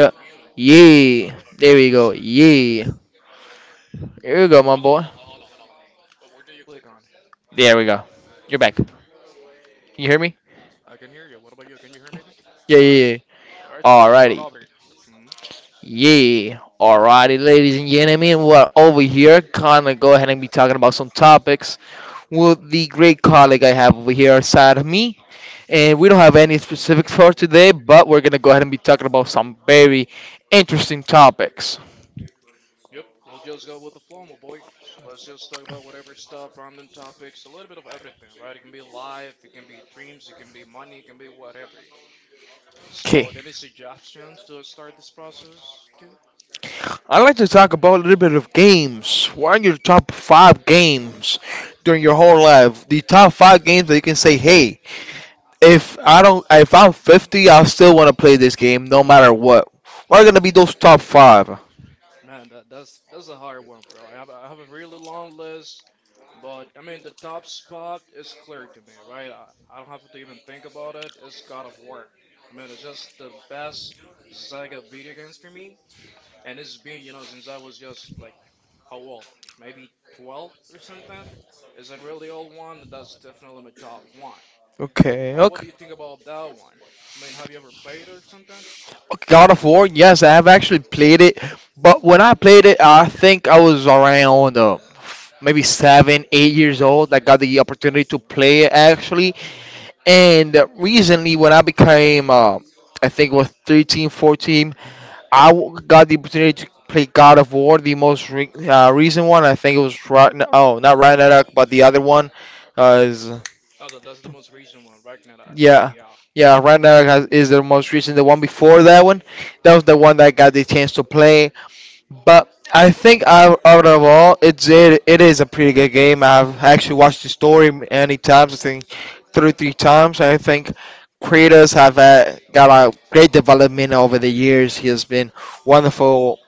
Yeah. Yeah. There we go. Yeah. Here we go, my boy. Do you click on? There we go. You're back. Can you hear me? I can hear you. What about you? Can you hear me, okay? Yeah, All yeah, right. yeah. All right. So let's start Alrighty. off here. Hmm. Yeah. Alrighty, ladies and gentlemen, we're over here. Gonna go ahead and be talking about some topics with the great colleague hmm, I have over here side of me. And we don't hmm. have any specifics for today, but we're gonna go ahead and be talking about some very interesting topics. Yep. We'll just go with the flow, my boy. So let's just talk about whatever stuff, random topics, a little bit of everything, right? It can be life, it can be dreams, it can be money, it can be whatever. Okay. So any suggestions to start this process too? I'd like to talk about a little bit of games. What are your top five games during your whole life? The top five games that you can say, "Hey, if I'm 50, I still want to play this game, no matter what." What are gonna be those top five? Man, that's a hard one, bro. I have a really long list. But I mean, the top spot is clear to me, right? I don't have to even think about it. It's God of War. I mean, it's just the best Sega video games for me. And it's been, you know, since I was just like, how old? Maybe 12 or something? Is it really old one? That's definitely my top one. Okay, What do okay. you think about that one? I mean, have you ever played it or something? God of War, yes, I have actually played it, but when I played it, I think I was around maybe seven, 8 years old. I got the opportunity to play it actually. And recently, when I became, I think it was 14, got the opportunity to play God of War, the most recent one. I think it was oh, not Ragnarok, but the other one is No, that's the most recent one, Ragnarok. Yeah, Yeah. yeah. Ragnarok is the most recent. The one before that one, that was the one that I got the chance to play. But I think out of all, it is a pretty good game. I've actually watched the story many times. I think three times. I think creators have got a great development over the years. He has been wonderful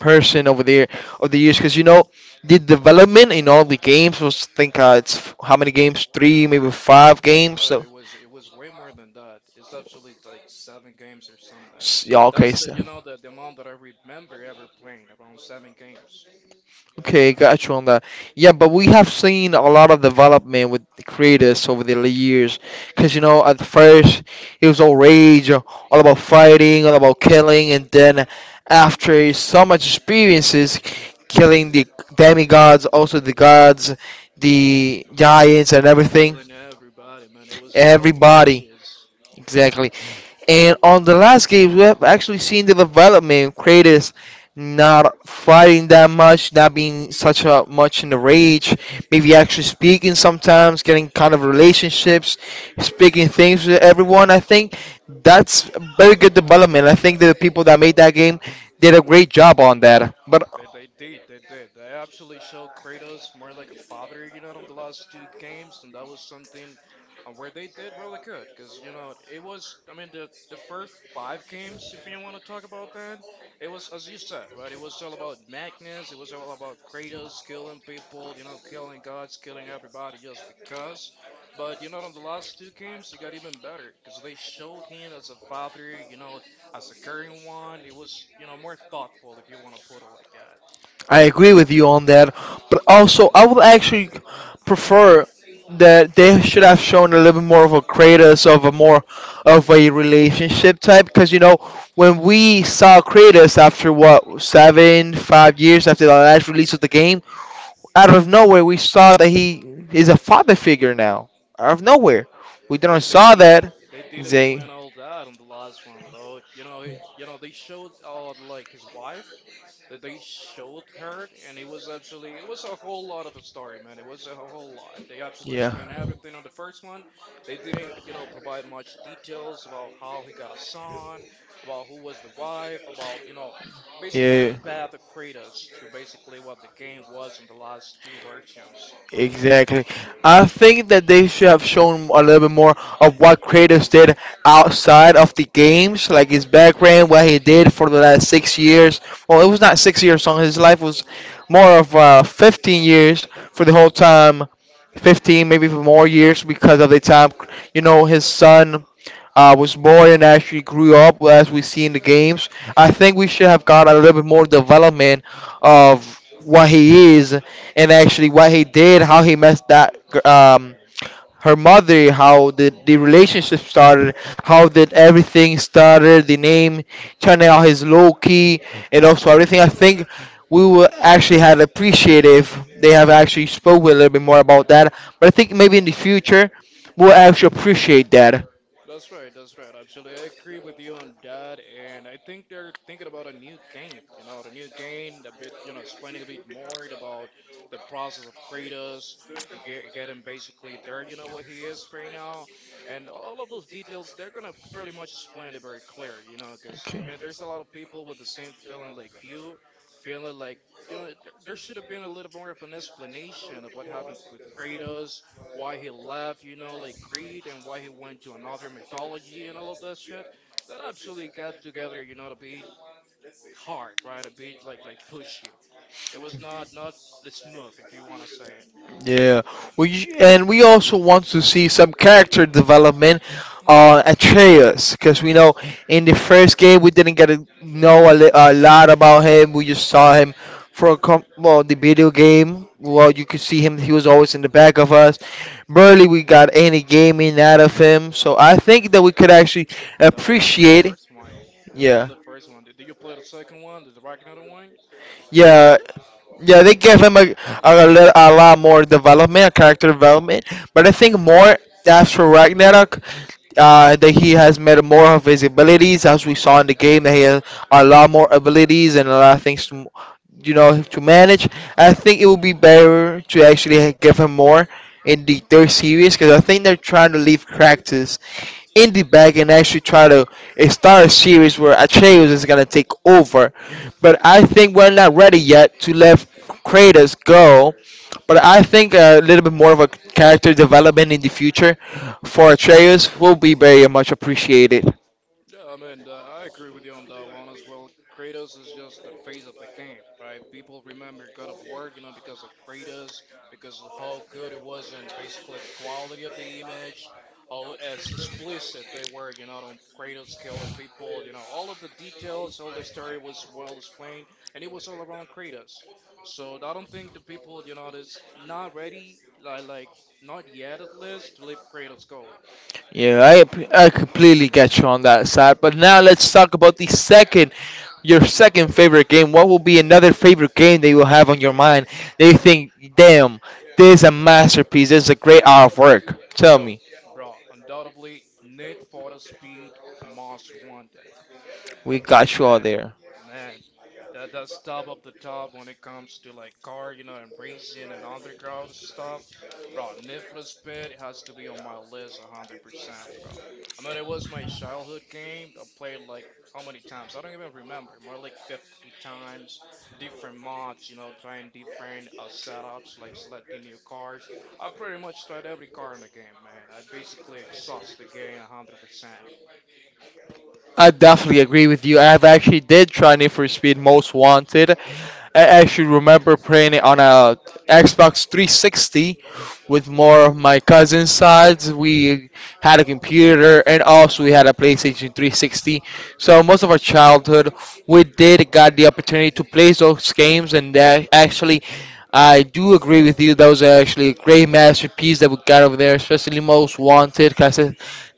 person over the years because, you know, the development in all the games was think how many games, three, maybe five games. No, So it was way more than that. It's absolutely like seven games or something. Yeah, okay, That's the, so you know, the amount that I remember ever playing, around seven games. okay, got you on that. Yeah, Mm, but we mm, have seen a lot of development with the creators over the years. Because, you know, at first it was all rage, all about fighting, all about killing, and then after mm, so much mm. experiences, killing the demigods, also the gods, the Ki- giants, and everything, Killing everybody, man. It was everybody, outrageous. exactly. And on the last game, Mm, we have actually seen the development. Kratos not fighting that much, not being such a much in the rage, maybe actually speaking sometimes, getting kind of relationships, speaking things with everyone. I think mm. that's very good development. I think the people that made that game did a great job on that. But They did. They actually showed Kratos more like a father, you know, on the last two games, and that was something where they did really good. Because, you know, it was, I mean, the first five games, if you want to talk about that, it was, as you said, right? It was all about Magnus, it was all about Kratos killing people, you know, killing gods, killing everybody just because. But, you know, on the last two games, it got even better because they showed him as a father, you know, as a current one. It was, you know, more thoughtful if you want to put it like that. I agree with you on that, but also Mhm. I would actually prefer that they should have shown a little bit more of a Kratos, of a more of a relationship type, because, you know, when we saw Kratos after what, 7, 5 years after the last release of the game, out of nowhere we saw that he is a father figure now. Out of nowhere, we But didn't they, they saw did that they did explain they, all that on the last one though. You know, he, you know, they showed like his wife that they showed her, and it was absolutely it was a whole lot of a story, man. It was a whole lot. They absolutely yeah, spent everything on the first one. They didn't, you know, provide much details about how he got a son, about who was the wife, about you know, basically yeah, the path of Kratos to basically what the game was in the last two versions. exactly. I think that they should have shown a little bit more of what Kratos did outside of the games, like his background, what he did for the last 6 years. Well, it was not 6 years long. His life was more of 15 years for the whole time, 15 maybe for more years because of the time. You know, his son was born and actually grew up as we see in the games. I think we should have got a little bit more development of what he is and actually what he did, how he messed that her mother, how the relationship started, how did everything started, the name, turning out his low key, and also everything. I think we will actually had appreciated if they have actually spoken a little bit more about that. But I think maybe in the Yep. future we'll actually appreciate that. That's right. Absolutely. I agree with you on that. And I think they're thinking about a new game, you know, the new game, a bit, you know, explaining a bit more about the process of Kratos, getting basically there, you know, what he is right now. And all of those details, they're going to pretty much explain it very clear, you know, because, I Okay. mean, there's a lot of people with the same feeling like, you know, there should have been a little more of an explanation of what happened with Kratos, why he left, you know, like Creed and why he went to another mythology and all of that shit. That absolutely got together, you know, a bit hard, right? A bit like pushy. It was not smooth, if you want to say it. Yeah, we also want to see some character development on Atreus because we know in the first game we didn't get to know a lot about him. We just saw him from well, the video game. Well, you could see him; he was always in the back of us. Barely we got any gaming out of him, so I think that we could That actually that wasn't the appreciate. first one. It was on Yeah, the first one. Did you play the second one, the Ragnarok one? It yeah. was. Yeah, they gave him a lot more development, character development. But They I think did. more after Ragnarok, that he has made more of his abilities, as we saw in the game, that he has a lot more abilities and a lot of things to, you know, to manage. I think it would be better to actually give him more in the third series because I think they're trying to leave cracks indie bag and actually try to start a series where Atreus is gonna take over. But I think we're not ready yet to let Kratos go. But I think a little bit more of a character development in the future for Atreus will be very much appreciated. Yeah, I mean, I agree with you on that one as well. Kratos is just the face of the game, right? People remember God of War, you know, because of Kratos, because of how good it was and basically the quality of the image, how as explicit they were, you know, on Kratos killing people, you know, all of the details, all the story was well explained, and it was all around Kratos. So I don't think the people, you know, is not ready, like not yet at least, to let Kratos go. Yeah, I completely get you on that side. But now let's talk about the your second favorite game. What will be another favorite game that you will have on your mind? They think, damn, this is a masterpiece. This is a great hour of work. Tell Yo, me, bro, undoubtedly, Need for the Speed Most Wanted. we got you all Man, there. man, that that's top of the top when it comes to like car, you know, and racing and underground stuff. Bro, Need for Speed has to be on my list 100%, bro. I mean, it was my childhood game. I played like how many times? I don't even remember. More like 50 times, different mods, you know, trying different setups, like selecting new cars. I pretty much tried every car in the game, man. I basically exhaust the game 100%. I definitely agree with you. I've actually did try Need for Speed Most Wanted. I actually remember playing it on a Xbox 360 with more of my cousins' sides. We had a computer and also we had a PlayStation 360. So most of our childhood, we did got the opportunity to play those games, and that actually. I do agree with you. That was actually a great masterpiece that we got over there, especially Most Wanted, because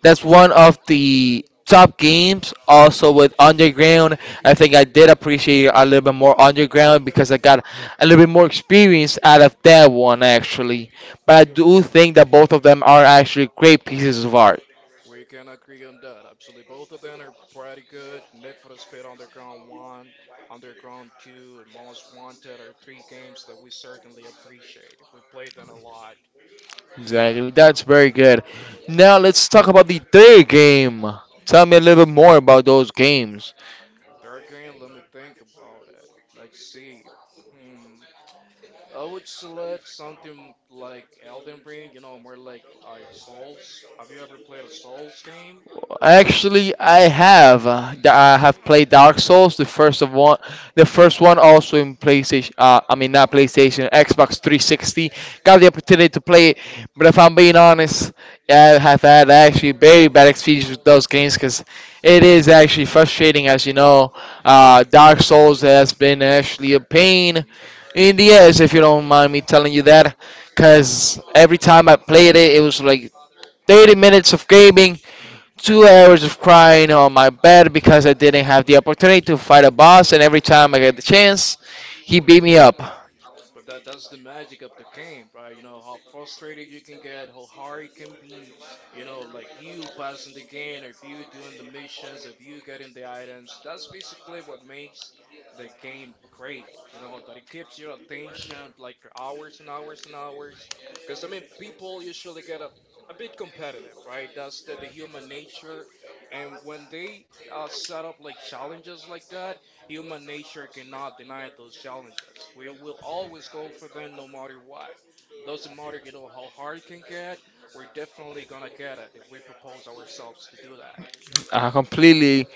that's one of the top games. Also with Underground, I think I did appreciate a little bit more Underground because I got a little bit more experience out of that one actually. But I do think that both of them are actually great pieces of art. We can agree on that. Absolutely, both of them are pretty good. Need for Speed Underground One, Underground Two, and Most Wanted are three games that we certainly appreciate. We played them a lot. Exactly, that's Hmm. very good. Now let's talk about the third game. Tell me a little bit more about those games. Third game, let me think about it. Let's see. Hmm. I would select something like Elden Ring. You know, more like Souls. Have you ever played a Souls game? Actually, I have. I have played Dark Souls, the first of one, the first one also in PlayStation. I mean, not PlayStation, Xbox 360. Got the opportunity to play it, but if I'm being honest, I have had actually very bad experience with those games because it is actually frustrating, as you know. Dark Souls has been actually a pain Hmm. in the ass, if you don't mind me telling you that, because every time I played it, it was like 30 minutes of gaming, Hmm. 2 hours of crying on my bed because I didn't have the opportunity to fight a boss, and every But time I get the chance, he beat me up. But that that's the magic of the game, right? You know how frustrated you can get, how hard it can be. You know, like you passing the game, if you doing the missions, if you getting the items. That's basically what makes the game great. You know that it keeps your attention like for hours and hours and hours. Because I mean, people usually get a bit competitive, right? That's the human nature, and when they set up like challenges like that. Human nature cannot deny those challenges. We will always go for them no matter what. Doesn't matter, you know, how hard it can get, we're definitely gonna get it if we propose ourselves to do that. I completely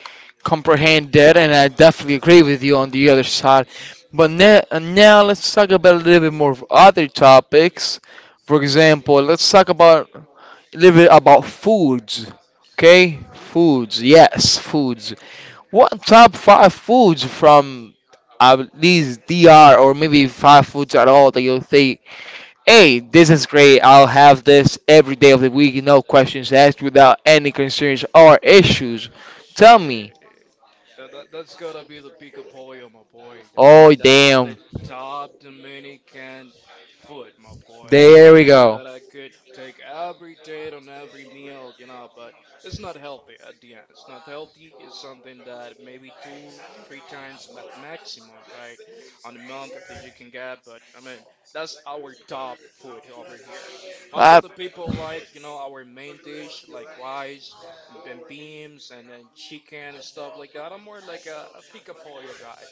comprehend that, and I definitely agree with you on the other side. But now let's talk about a little bit more of other topics. For Mm, example, let's talk about a little bit about foods. Okay, Ooh, foods. Yes, foods. What top five foods from at least DR, or maybe five foods at all, that you'll think, hey, this is great. I'll have this every day of the week, no questions asked, without any concerns or issues. Tell me. shit. Yeah, that's gotta be the pick of pole, my boy. I Oh mean, that's the damn. top Dominican food, my boy. It's There we something go. that I could take every day on every meal, you know, but it's not healthy at the end. It's not healthy. It's something that maybe two, three times at maximum, right, on a month that you can get. But I mean, that's our top food over here. Most Uh, of the people like, you know, our main dish like rice and then beams and then chicken and stuff like that. I'm more like a pica pollo guy.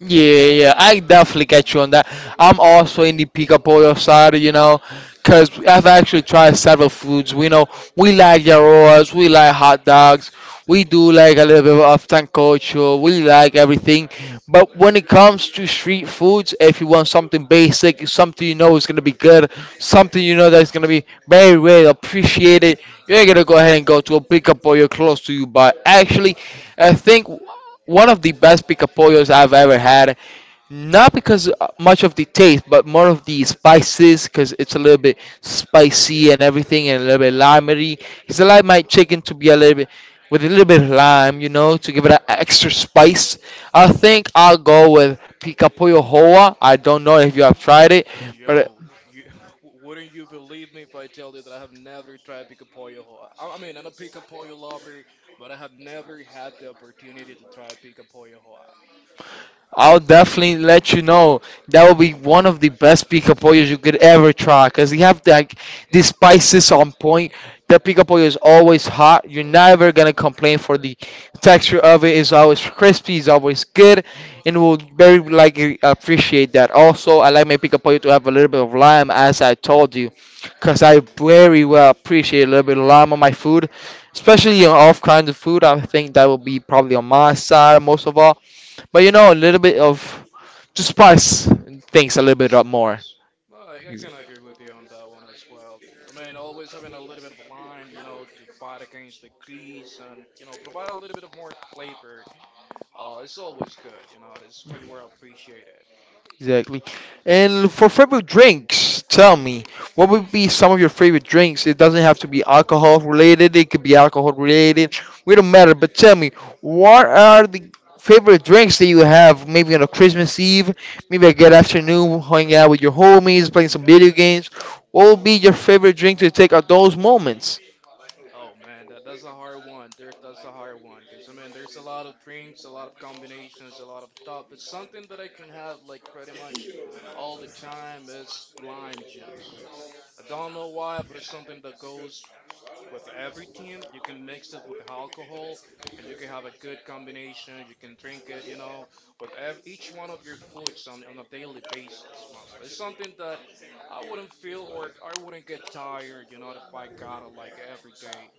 Yeah, yeah, I definitely get you on that. I'm also in the pica pollo side, you know, because I've actually tried several foods. We know we like yarrows, we like hot dogs, we do like a little bit of tancocho, we like everything. But when it comes to street foods, if you want something basic, something you know is gonna be good, something you know that's gonna be very well appreciated, you are gonna go ahead and go to a pick pollo close to you. But actually, I think one of the best pick pollos I've ever had, not because much of the taste, but more of the spices, because it's a little bit spicy and everything, and a little bit limey. Because I like my chicken to be a little bit with a little bit of lime, you know, to give it an extra spice. I think I'll go with pica pollo hoa. I don't know if you have tried it, but Yo, you wouldn't you believe me if I tell you that I have never tried pica pollo? I mean, I'm a pica pollo lover, but I have never had the opportunity to try pica pollo. Hoa. I'll definitely let you know. That will be one of the best pica pollos you could ever try, cause you have like the spices on point. The pica pollo is always hot. You're never gonna complain for the texture of it. It's always crispy, it's always good, and we'll very likely appreciate that. Also, I like my pica pollo to have a little bit of lime, as I told you, cause I Mm. very well appreciate a little bit of lime on my food, especially on all kinds of food. I think that will be probably on my side most of all. But a little bit of to spice things a little bit up more. Spice. Well, I Ex- can agree with you on that one as well. I mean, always having a little bit of lime, you know, to fight against the grease and, you know, provide a little bit of more flavor. It's always good, you know, it's very well appreciated. Exactly. And for favorite drinks, tell me, what would be some of your favorite drinks? It doesn't have to be Oh, alcohol related, it could be alcohol related. We don't matter, but tell me, what are the favorite drinks that you have maybe on a Christmas Eve, maybe a good afternoon, hanging out with your homies, playing some video games? What would be your favorite drink to take at those moments? oh man, that's a hard one. There's that's a hard one because I mean, there's a lot of drinks, a lot of combinations, a lot of top. But something that I can have like pretty much all the time is lime juice. I don't know why, but it's something that goes with everything. You can mix it with the alcohol, and you can have a good combination. You can drink it, you know, with each one of your foods on a daily basis. Mostly, it's something that I wouldn't feel or I wouldn't get tired, you know, if I got it like every day.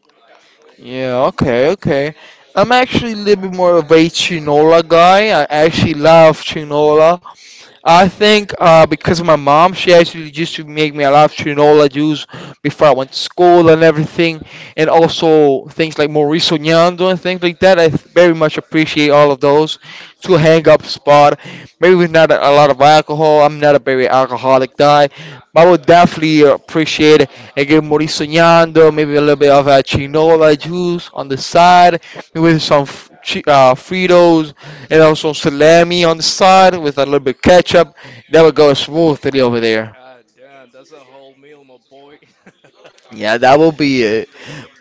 Yeah, okay, okay. I'm actually a little bit more of a Chinola guy. I actually love Chinola. I think because of my mom, she actually used to make me a lot of chinola juice before I went to school and everything, and Mhm. also things like Mauricio Ñando and things like that. I very much appreciate all of those. To hang up spot, maybe with not a lot of alcohol. I'm not a very alcoholic guy, but I would definitely appreciate again Mauricio Ñando, maybe a little bit of a chinola juice on the side, maybe with some Fritos and also salami on the side with a little bit of ketchup. That would go smoothly over there. God damn, that's a whole meal, my boy. Yeah, that will be it.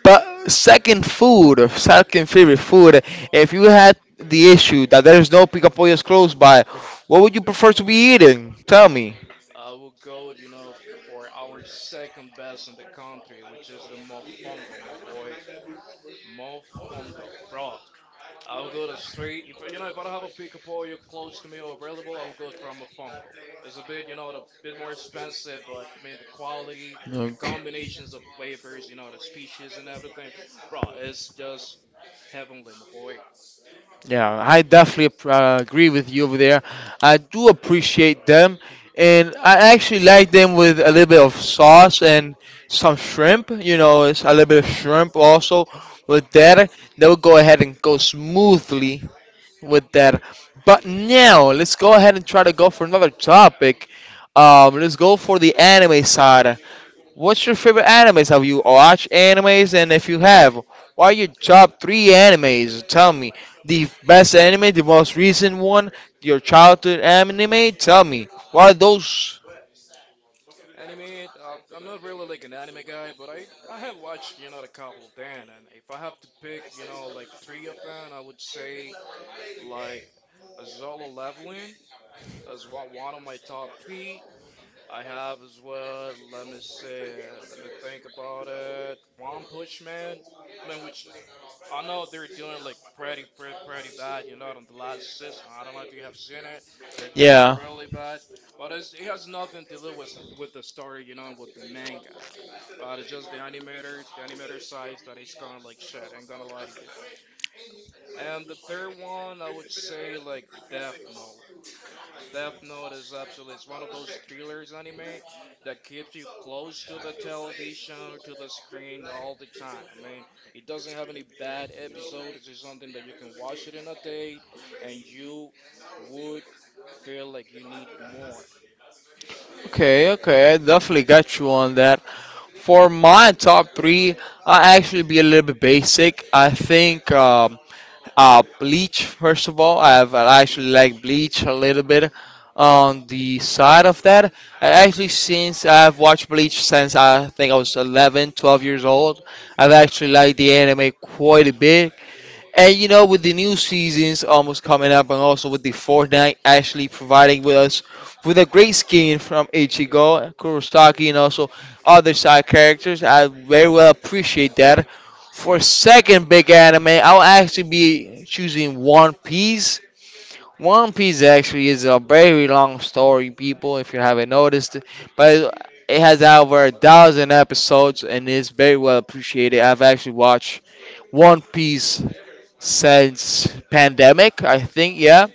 But second food, or second favorite food, if you had the issue that there's no picapollos close by, what would you prefer to be eating? Tell me. I will go, you know, for our second best in the country, which is the mofongo, my boy. Mofongo, bro. I will go to straight. If you know, if I don't have a pick up you're close to me or available, I will go from a Funko. It's a bit, you know, a bit more expensive, but I mean the quality, the Okay. combinations of flavors, you know, the species and everything, bro, it's just heavenly, my boy. Yeah, I definitely agree with you over there. I do appreciate them, and I actually like them with a little bit of sauce and some shrimp. You know, it's a little bit of shrimp also with that. They will go ahead and go smoothly with that. But Mm-hmm. now let's go ahead and try to go for another topic. Let's go for the anime side. What's your favorite animes? Have you Mm-hmm. watched animes? And if you have, what are your top three animes? Tell me. The best anime, the most recent one, your childhood anime? Tell me. What are those? Anime, I'm not really like an anime guy, but I have watched, you know, a couple of them, and if I have to pick, you know, like three of them, I would say like a Solo Leveling as one of my top three. I have as well. Let me see. Let me think about it. One Punch Man. I mean, which I know they're doing like pretty bad. You know, on the last season. I don't know if you have seen it. They're doing Yeah. really bad. But it's, it has nothing to do with the story. You know, and with the manga. Right, it's just the animators, the animator size that is gonna like shit. I ain't gonna lie to you. And the third one, I would say like Death Note. Death Note is absolutely it's one of those thrillers anime that keeps you close to the television or to the screen all the time. I mean, it doesn't have any bad episodes. It's something that you can watch it in a day and you would feel like you need more. Okay, okay, I definitely got you on that. For my top three, I actually be a little bit basic. I think Bleach. First of all, I actually like It's Bleach a little bit. On the side of that, I actually since I've watched Bleach since I think I was 11, 12 years old, I've actually liked the anime quite a bit. And you know, with the new seasons almost coming up, and also with the Fortnite actually providing with us with a great skin from Ichigo, Kurosaki, and also other side characters, I very well appreciate that. For second big anime, I'll actually be choosing One Piece. One Piece actually is a very long story, people, if you haven't noticed. But it has over 1,000 episodes and is very well appreciated. I've actually watched one Piece since pandemic, I think. Yeah,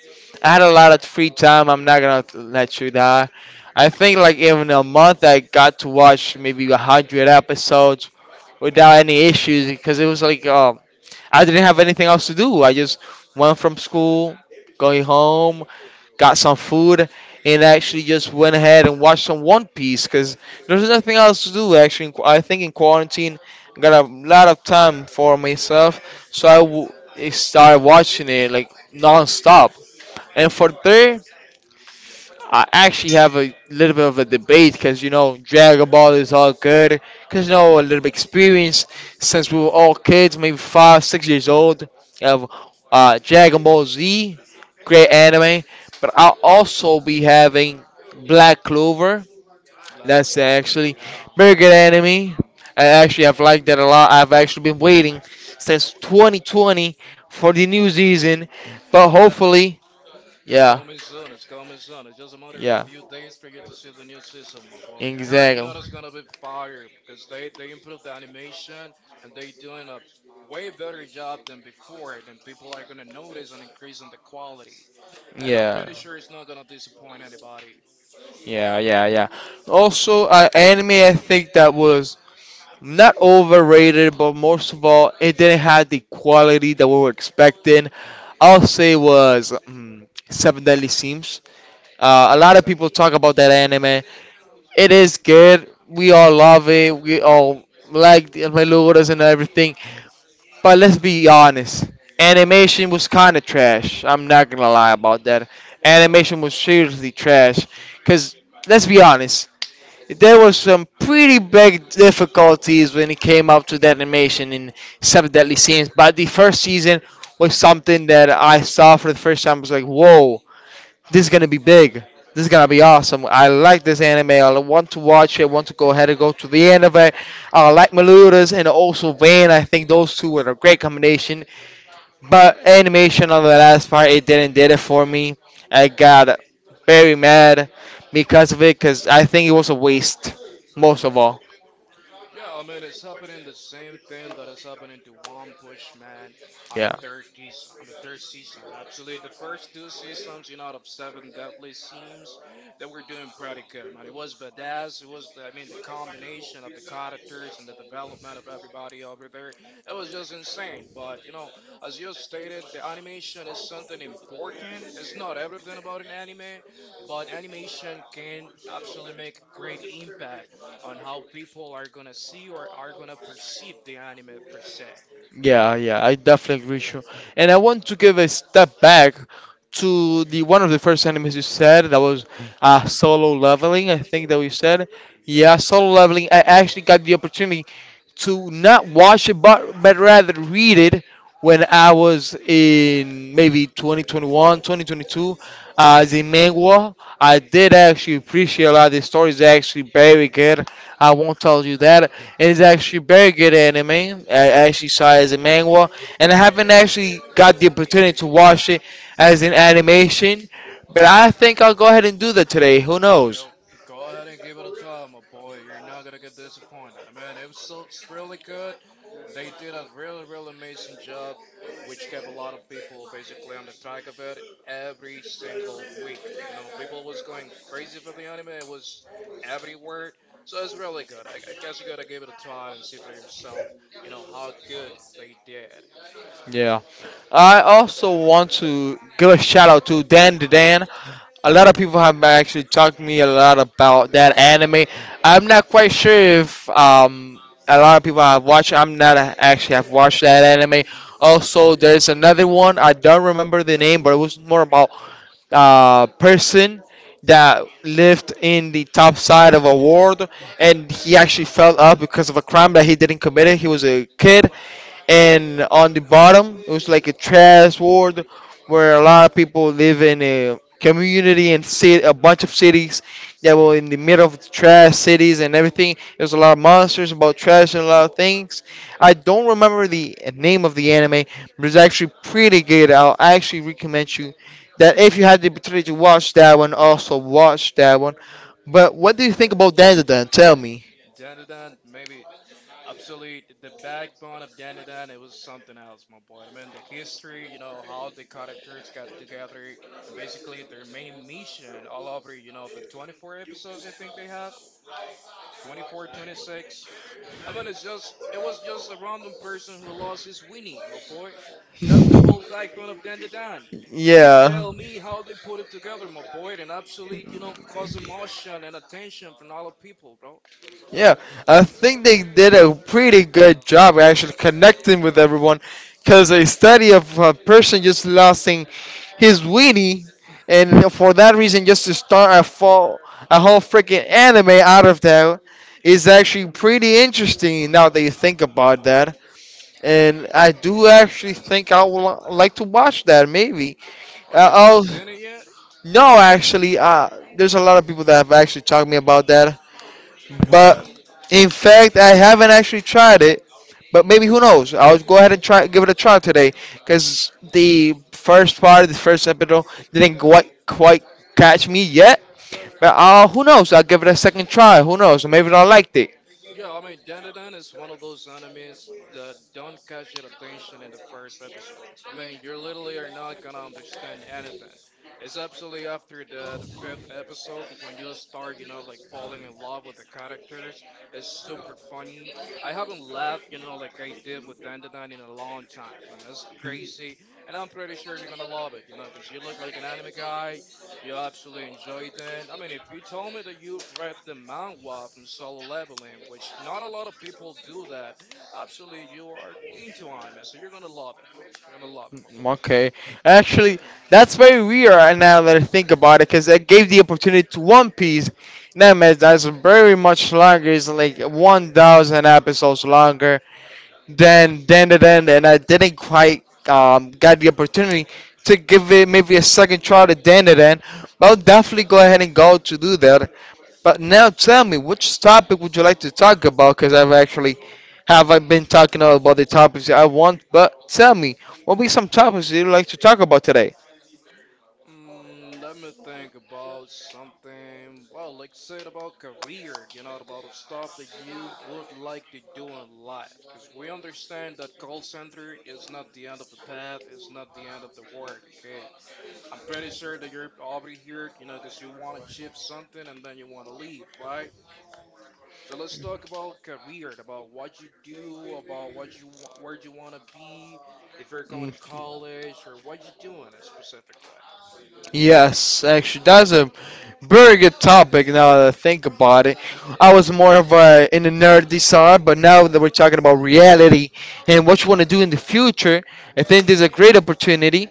I had a lot of free time. I'm not gonna let you die. I think like even a month, I got to watch maybe 100 episodes without any issues because it was like I didn't have anything else to do. I just went from school, going home, got some food, and actually just went ahead and watched some One Piece because there's nothing else to do. Actually, in I think in quarantine, I got a lot of time for myself, so started watching it like non-stop. And for third, I actually have a little bit of a debate because you know Dragon Ball is all good because you know a little bit experience since we were all kids, maybe five, 6 years old of Dragon Ball Z, great anime. But I'll also be having Black Clover. Black That's Clover, actually yeah. very good anime. I actually have liked that a lot. I've actually been waiting since 2020 for the new season, but That hopefully, it's yeah, coming soon. It's coming soon. It's just a matter of a yeah, few days for you to see the new season, my boy. I heard you exactly, know that's gonna be fire because they improved the animation and they doing a way better job than before. Then people are gonna notice an increase in the quality. And I'm yeah. pretty sure it's not gonna disappoint anybody. Yeah, yeah, yeah. Also, anime I think that was not overrated, but most of all, it didn't have the quality that we were expecting. I'll say was Seven Deadly Sins. A lot of Seven people talk Deadly about that Sins. anime. It is good. We all love it. We all like the Meluras and everything. But let's be honest, animation was kind of trash. I'm not gonna lie about that. Animation was seriously trash. Cause let's be honest, there were some pretty big difficulties when it came up to the animation in Seven Deadly Sins, but the first season was something that I saw for the first time. I was like, whoa, this is gonna be big. This is gonna be awesome. I like this anime. I want to watch it. I want to go ahead and go to the end of it. I like Maludas and also Van. I think those two were a great combination. But animation on the last part, it didn't did it for me. I got very mad because of it, because I think it was a waste, most of all. Yeah, I mean it's happening the same thing that is happening to One Push Man on the Yeah, third season. On the third season, absolutely. The first two seasons, you know, out of seven deadly seems that we're doing pretty good, man. It was badass. It was, I mean, the combination of the characters and the development of everybody over there, it was just insane. But you know, as you stated, the animation is something important. It's not everything about an anime, but animation can absolutely make great impact on how people are gonna see or are gonna perceive the anime per se. yeah, yeah. I definitely agree. Sure. And I want to give a step back to the one of the first animes you said that was solo leveling. I think that we said, Yep, yeah, solo leveling. I actually got the opportunity to not watch it, but rather read it when I was in maybe 2021, 2022 as a manga. I did actually appreciate a lot. The story is actually very good. I won't tell you that. It's actually very good anime. I actually saw it as a manga, and I haven't actually got the opportunity to watch it as an animation. But I think I'll go ahead and do that today. Who knows? yep. Go ahead and give it a try, my boy. You're not gonna get disappointed. I mean, it was so, it's really good. They did a really, really amazing job, which kept a lot of people basically on the track of it every single week. You know, people was going crazy for the anime. It was everywhere. So it's really good. I guess you gotta give it a try and see for yourself, you know, how good they did. Yeah. I also want to give a shout out to Dan the Dan. A lot of people have actually talked to me a lot about that anime. I'm not quite sure if a lot of people have watched. I'm not a- actually have watched that anime. Also, there's another one. I don't remember the name, but it was more about person that lived in the top side of a world and he actually fell up because of a crime that he didn't commit. It. He was a kid and on the bottom it was like a trash ward where a lot of people live in a community and sit a bunch of cities that were in the middle of the trash cities and everything there was a lot of monsters about trash and a lot of things. I don't remember the name of the anime, but it's actually pretty good. I'll actually recommend you that if you had the opportunity to watch that one also watch that one, but what do you think about that then? Tell me. Then maybe absolutely, the backbone of Dandadan, it was something else, my boy. I mean, the history, you know, how the characters got together, and basically their main mission all over, you know, the 24 episodes I think they have, 24, 26. I mean, it's just, it was just a random person who lost his Winnie, my boy. That's the whole backbone of Dandadan. You Yeah. tell me how they put it together, my boy, and absolutely, you know, cause emotion and attention from all the people, bro. Yeah, I think they did a pretty good job actually connecting with everyone because a study of a person just losing his weenie and for that reason just to start a whole freaking anime out of that is actually pretty interesting now that you think about that. And I do actually think I would like to watch that maybe. Oh, Uh, you haven't oh, seen it yet? no, actually, there's a lot of people that have actually talked to me about that. But in fact, I haven't actually tried it. But maybe who knows? I'll go ahead and try give it a try today because the first part, the first episode didn't quite catch me yet. But who knows? I'll give it a second try. Who knows? Maybe I liked it. Yeah, I mean, Dandadan is one of those animes that don't catch your attention in the first episode. I mean, you literally are not gonna understand anything. It's absolutely after the fifth episode when you start, you know, like falling in love with the characters. It's super funny. I haven't laughed, you know, like I did with Dandadan in a long time, man. It's crazy. And I'm pretty sure you're gonna love it, you know, because you look like an anime guy, you absolutely enjoyed that. I mean, if you told me that you read the manhwa from Solo Leveling, which not a lot of people do that, absolutely you are into anime, so you're gonna love it. You're gonna love it, my boy. Okay. Actually, Mhm. that's very weird right now that I think about it because it gave the opportunity to One Piece. Now, man, that's very much Shit. longer. It's like 1,000 episodes longer. Then and I didn't quite got the opportunity to give it maybe a second try to then and then. But I'll definitely go ahead and go to do that. But now tell me which topic would you like to talk about? Because I've actually have I been talking about the topics that I want. But tell me what be some topics that you'd like to talk about today? Let me think about something. Well, like said about career, you know, about the stuff that you would like to do in life. Because we understand that call center is not the end of the path, is not the end of the world, okay? I'm pretty sure that you're already here, you know, because you want to chip something and then you want to leave, right? So let's talk about career, about what you do, about what you want, where you want to be, if you're going Mm. to college or what you're doing specifically. Yes, actually, that's a very good topic now that I think about it. I was more of a in the nerdy side, but now that we're talking about reality and Mm, what you want to do in the future, I think there's a great opportunity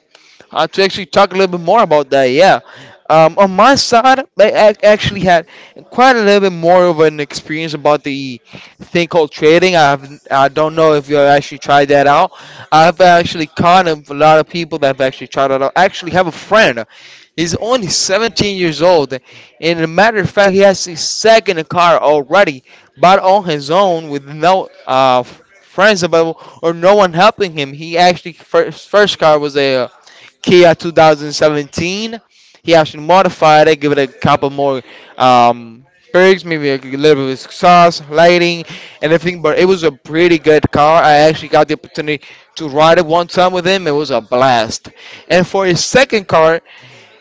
to actually talk a little bit more about that, yeah. On mm. my side, like, actually had quite a little bit more of an experience about the thing called trading. I don't know if you've actually tried that out. I've actually kind of a lot of people that have actually tried it out. I actually have a friend. He's only 17 years old. And as a matter of fact, he has his second car already, but on his own with no friends available or no one helping him. He actually, first car was a Kia 2017. He actually modified it, give it a couple more um, perks, maybe a little bit of sauce, lighting, and everything. But it was a pretty good car. I actually got the opportunity to ride it one time with him. It was a blast. And for his second car,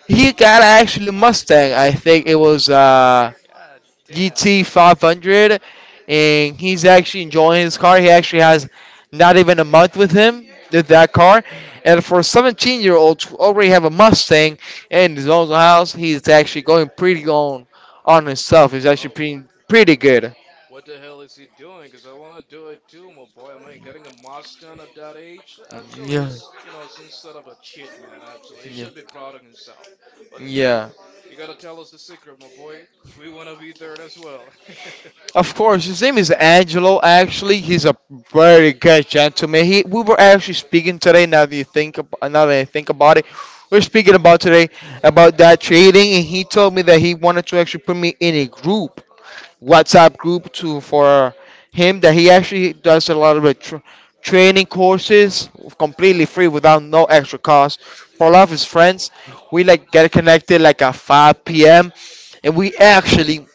he got actually Mustang. I think it was. God damn. And, GT500, and he's actually enjoying his car. He actually has not even a month with him with that car. And for a 17- year old to already have a Mustang and his own house, he's actually going pretty on himself. He's actually well, pretty what, good. What the hell is he doing? Because I want to do it too, my boy. I mean, getting a master done at that age, absolutely, Yeah, is, you know, some sort of a cheat, man. Absolutely, he yeah, should be proud of himself. But I mean, yeah. you gotta tell us the secret, my boy, because we want to be there as well. Of course, his name is Angelo. Actually, he's a very good gentleman. He, we were actually speaking today. Now that you think, now that I think about it, we're speaking about today about that trading, and he told me that he wanted to actually put me in a group, WhatsApp group, to for him that he actually does a lot of training courses completely free without no extra cost for a lot of his friends. We like get connected like at 5 p.m. and we actually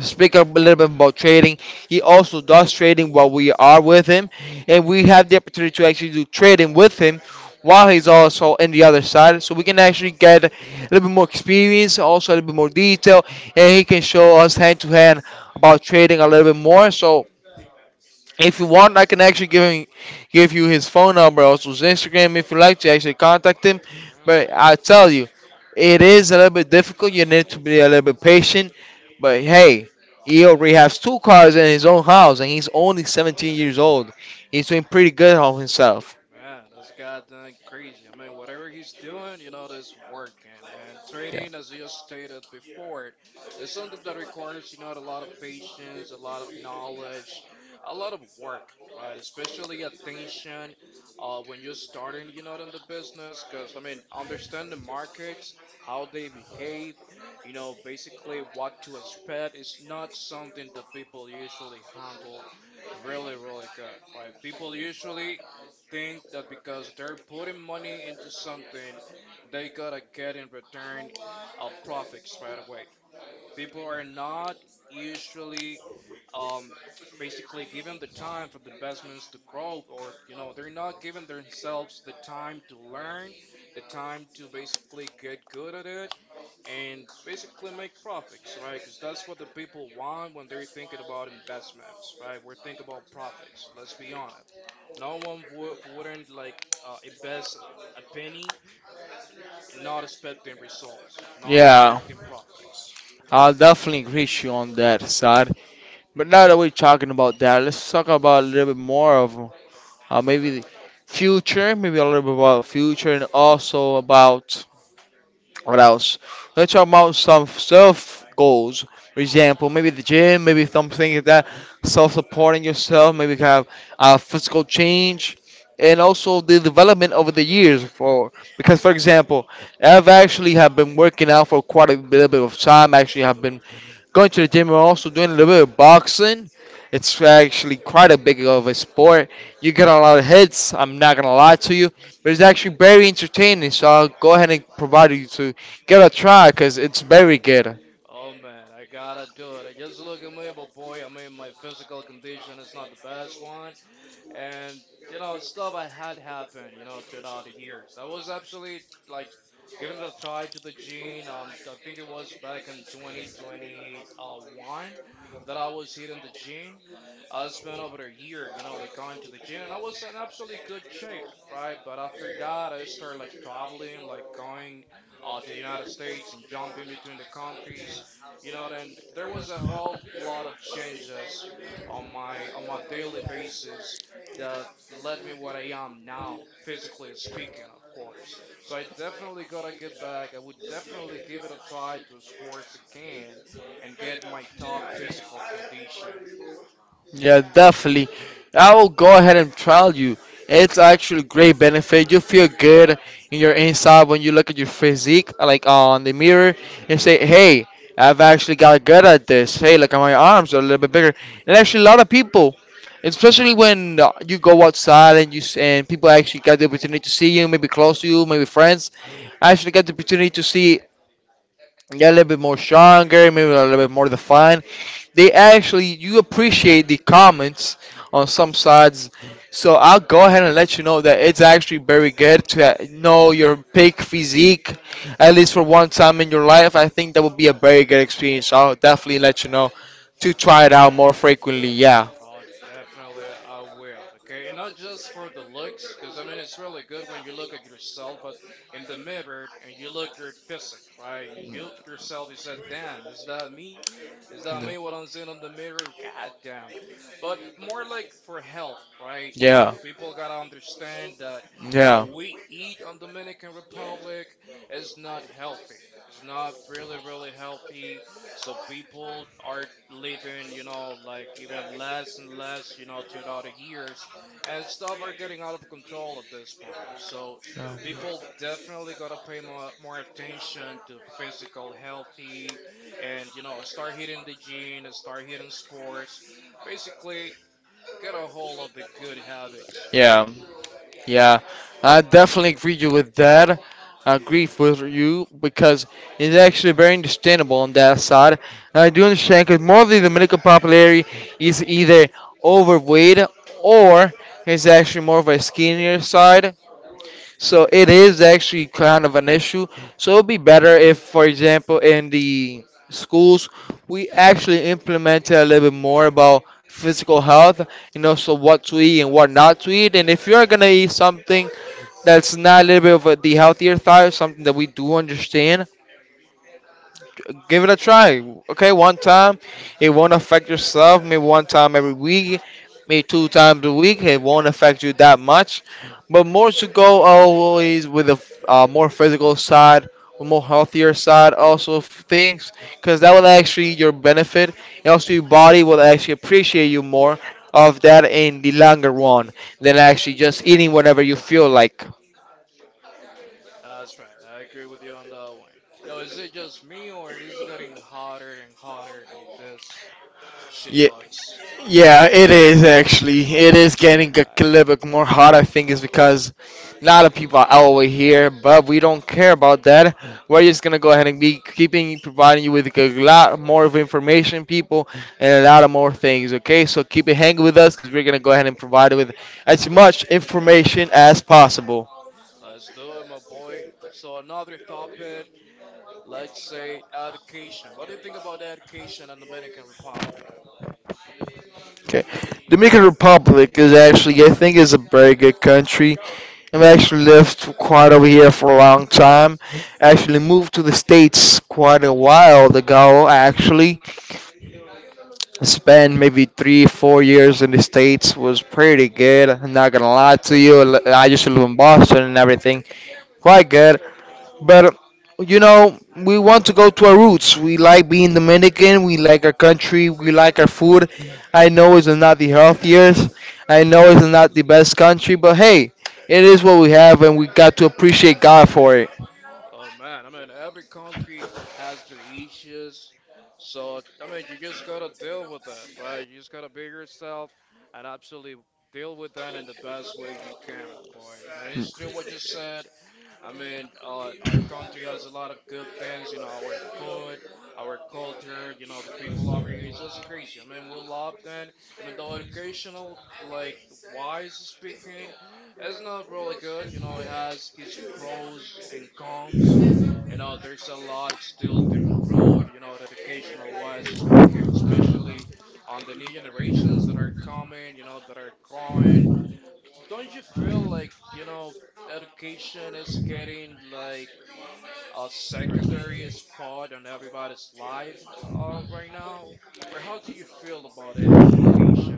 speak a little bit about trading. He also does trading while we are with him, and we have the opportunity to actually do trading with him while he's also in the other side, so we can actually get a little bit more experience, also a little bit more detail, and he can show us hand to hand about trading a little bit more. So if you want, I can actually give him, give you his phone number, also his Instagram, if you like to actually contact him. Damn. But I tell you, it is a little bit difficult. You need to be a little bit patient. But hey, he already has 2 cars in his own house, and he's only 17 years old. He's doing pretty good on himself. Man, this guy done crazy. I mean, whatever he's doing, you know, that's working. And Yeah, trading, as you stated before, is something that requires, you know, a lot of patience, a lot of knowledge, a lot of work, right? Especially attention when you're starting, you know, in the business. Because, I mean, understand the markets, how they behave, you know, basically what to expect is not something that people usually handle really, really good, right? People usually think that because they're putting money into something, they gotta get in return a profit right away. People are not usually um, basically given the time for the investments to grow, or you know, they're not giving themselves the time to learn, the time to basically get good at it, and basically make profits, right? Because that's what the people want when they're thinking about investments, right? We're thinking about profits. Let's be honest. No one would wouldn't like invest a penny, not expecting results, not yeah, expecting profits. I'll definitely agree with you on that side. But now that we're talking about that, let's talk about a little bit more of maybe the future, maybe a little bit about future, and also about What else? Let's talk about some self goals. For example, maybe the gym, maybe something like that. Self supporting yourself, maybe have a physical change, and also the development over the years. For because, for example, I've actually have been working out for quite a little bit of time. Actually, have been Going to the gym and also doing a little bit of boxing. It's actually quite a big of a sport. You get a lot of hits. I'm not gonna lie to you, but it's actually very entertaining. So I'll go ahead and provide you to get a try because it's very good. Oh man, I gotta do it. I just look at me, but boy, I mean, my physical condition is not the best one. And you know stuff I had happened you know throughout the years. I was actually like giving it a try to the gene on I think it was back in 2021 that I was hitting the gene. I spent over a year you know like going to the gene and I was in absolutely good shape right. But after that I started like traveling like going to the United States and jumping between the countries you know then there was a whole lot of changes on my daily basis that led me what I am now, physically speaking, of course. So I definitely gotta get back. I would definitely give it a try to sports again and get my top physical condition. Yeah, definitely. I will go ahead and trial you. It's actually great benefit. You feel good in your inside when you look at your physique, like on the mirror, and say, "Hey, I've actually got good at this. Hey, look at my arms are a little bit bigger." And actually, a lot of people, especially when you go outside and you and people actually get the opportunity to see you, maybe close to you, maybe friends, actually get the opportunity to see yeah, a little bit more stronger, maybe a little bit more defined. They actually, you appreciate the comments on some sides. So I'll go ahead and let you know that it's actually very good to know your peak physique, at least for one time in your life. I think that would be a very good experience. I'll definitely let you know to try it out more frequently. Yeah. Oh, definitely, I will. Okay, and not just for the looks, because I mean, it's really good when you look at yourself, but in the mirror and you look your physique, right? You look yourself, you said, "Damn, is that me? Is that me? What I'm seeing on the mirror? God damn!" But more like for health, right? You know, Yeah. people gotta understand that how Yeah. we eat on Dominican Republic is not healthy. It's not really, really healthy so people are living, you know, like even less and less, you know, throughout the years, and stuff are getting out of control at this point. So people definitely gotta pay more, more attention to physical healthy, and you know, start hitting the gym, and start hitting sports. Basically, get a hold of the good habits, right? Yeah. Yeah, I definitely agree you with that. I agree with you because it's actually very understandable on that side. I do understand because more of the Dominican popularity is either overweight or is actually more of a skinnier side. So it is actually kind of an issue. So it would be better if, for example, in the schools, we actually implemented a little bit more about physical health, you know, so what to eat and what not to eat. And if you're going to eat something, that's not a little bit of a, the healthier thought, something that we do understand, give it a try. Okay, one time, it won't affect yourself. Maybe one time every week, maybe two times a week, it won't affect you that much. But more to go always with a more physical side, a more healthier side, also of things, because that will actually your benefit, and also your body will actually appreciate you more of that in the longer run than actually just eating whenever you feel like. That's right. I agree with you on that one. Yo, is it just me or it is getting hotter and hotter on this Yeah. shitbox? Yeah, it is actually. It is getting a little bit more hot. I think is because a lot of people are over here, but we don't care about that. We're just gonna go ahead and be keeping providing you with a lot more of information, people, and a lot of more things. Okay, so keep it hanging with us because we're gonna go ahead and provide you with as much information as possible. Let's do it, my boy. So another topic, let's say education. What do you think about education in Dominican Republic? Okay, Dominican Republic is actually I think is a very good country. I've actually lived quite over here for a long time. I actually moved to the States quite a while ago, actually. I spent maybe three, 4 years in the States, was pretty good. I'm not gonna lie to you. I used to live in Boston and everything. Quite good. But you know, we want to go to our roots. We like being Dominican. We like our country. We like our food. I know it's not the healthiest. I know it's not the best country, but hey, it is what we have, and we got to appreciate God for it. Oh man, I mean every country has their issues. So I mean you just gotta deal with that, right? You just gotta be yourself and absolutely deal with that in the best way you can, my boy. And it's true what you said. I mean, our country has a lot of good things, you know, our food, our culture, you know, the people over here is just crazy. I mean, we love them, even though educational, like wise speaking, it's not really good. You know, it has its pros and cons. You know, there's a lot still to improve, you know, educational wise speaking, especially on the new generations that are coming, you know, that are growing don't you feel like, you know, education is getting like a secondary spot on everybody's life right now? Or how do you feel about ed education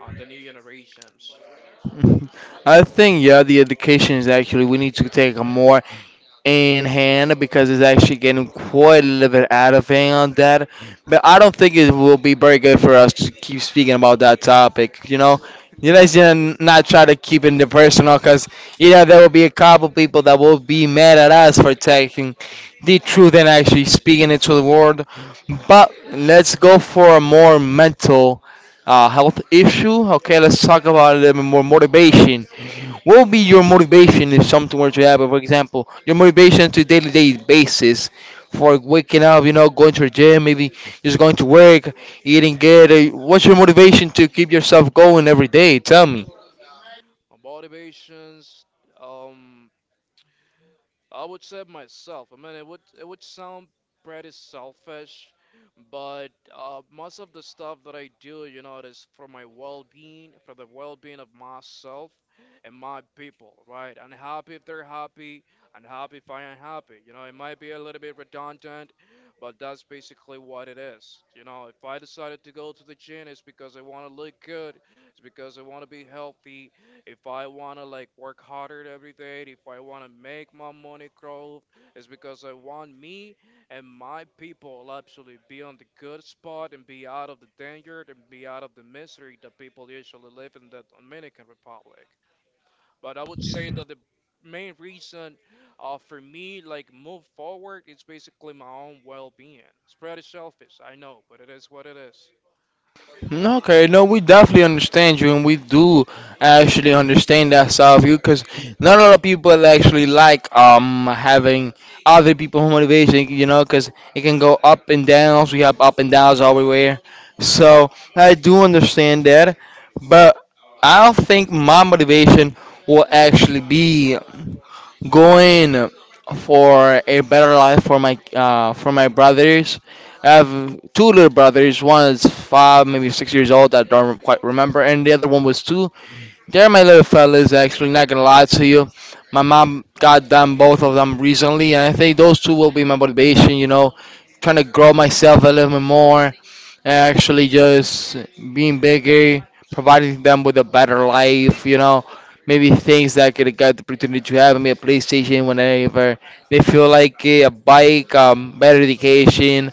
on the new generations? I think yeah, the education is actually we need to take a more in hand because it's actually getting quite a little bit out of hand on that. But I don't think it will be very good for us to keep speaking about that topic. You know, you guys should not try to keep it personal because you know there will be a couple people that will be mad at us for taking the truth and actually speaking it to the world. But let's go for a more mental health issue. Okay, let's talk about more motivation. What would be your motivation if something were to happen? For example, your motivation to daily day basis for waking up, you know, going to the gym, maybe just going to work, eating good. What's your motivation to keep yourself going every day? Tell me. On motivations, um, I would say myself. I mean, it would sound pretty selfish, but most of the stuff that I do, you know, it is for my well-being, for the well-being of myself and my people, right? And happy if they're happy, and happy if I am happy. You know, it might be a little bit redundant, but that's basically what it is. You know, if I decided to go to the gym, it's because I want to look good, it's because I want to be healthy, if I wanna like work harder every day, if I wanna make my money grow, it's because I want me and my people actually be on the good spot and be out of the danger and be out of the misery that people usually live in the Dominican Republic. But I would say that the main reason for me like move forward is basically my own well-being. It's pretty selfish, I know, but it is what it is. Okay, no, we definitely understand you, and we do actually understand that side of you, because not a lot of people actually like having other people motivation, you know, because it can go up and downs. We have up and downs everywhere, so I do understand that, but I don't think my motivation will actually be going for a better life for my brothers. I have two little brothers. One is 5, maybe 6 years old. I don't quite remember, and the other one was two. They're my little fellas, actually, not gonna lie to you. My mom got them both of them recently, and I think those two will be my motivation, you know, trying to grow myself a little bit more, and actually just being bigger, providing them with a better life, you know, maybe things that I could get the opportunity to have, maybe a PlayStation whenever they feel like it, a bike, better education,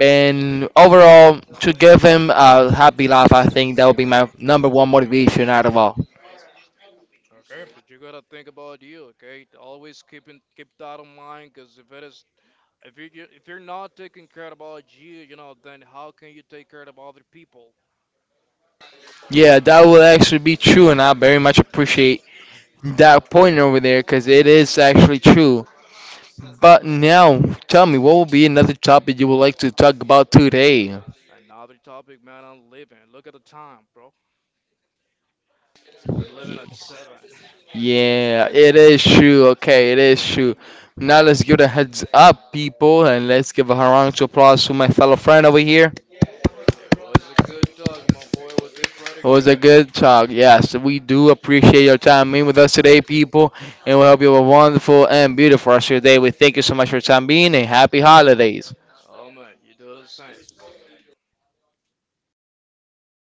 and overall, to give him a happy life, I think that would be my number one motivation out of all. Okay, but you gotta think about you, okay? Always keep that in mind, cause if it is if if you're not taking care about you, you know, then how can you take care of other people? Yeah, that will actually be true, and I very much appreciate that point over there because it is actually true. But now, tell me, what will be another topic you would like to talk about today? Another topic, man. I'm leaving. Look at the time, bro. I'm leaving at seven. Yeah, it is true. Okay, it is true. Now let's give it a heads up, people, and let's give a round of applause to my fellow friend over here. It was a good talk, my boy. We did pretty It was a good. good talk. Yes, we do appreciate your time being with us today, people, and we hope you have a wonderful and beautiful rest of your day. We thank you so much for your time being, and happy holidays. Oh man, you do the same.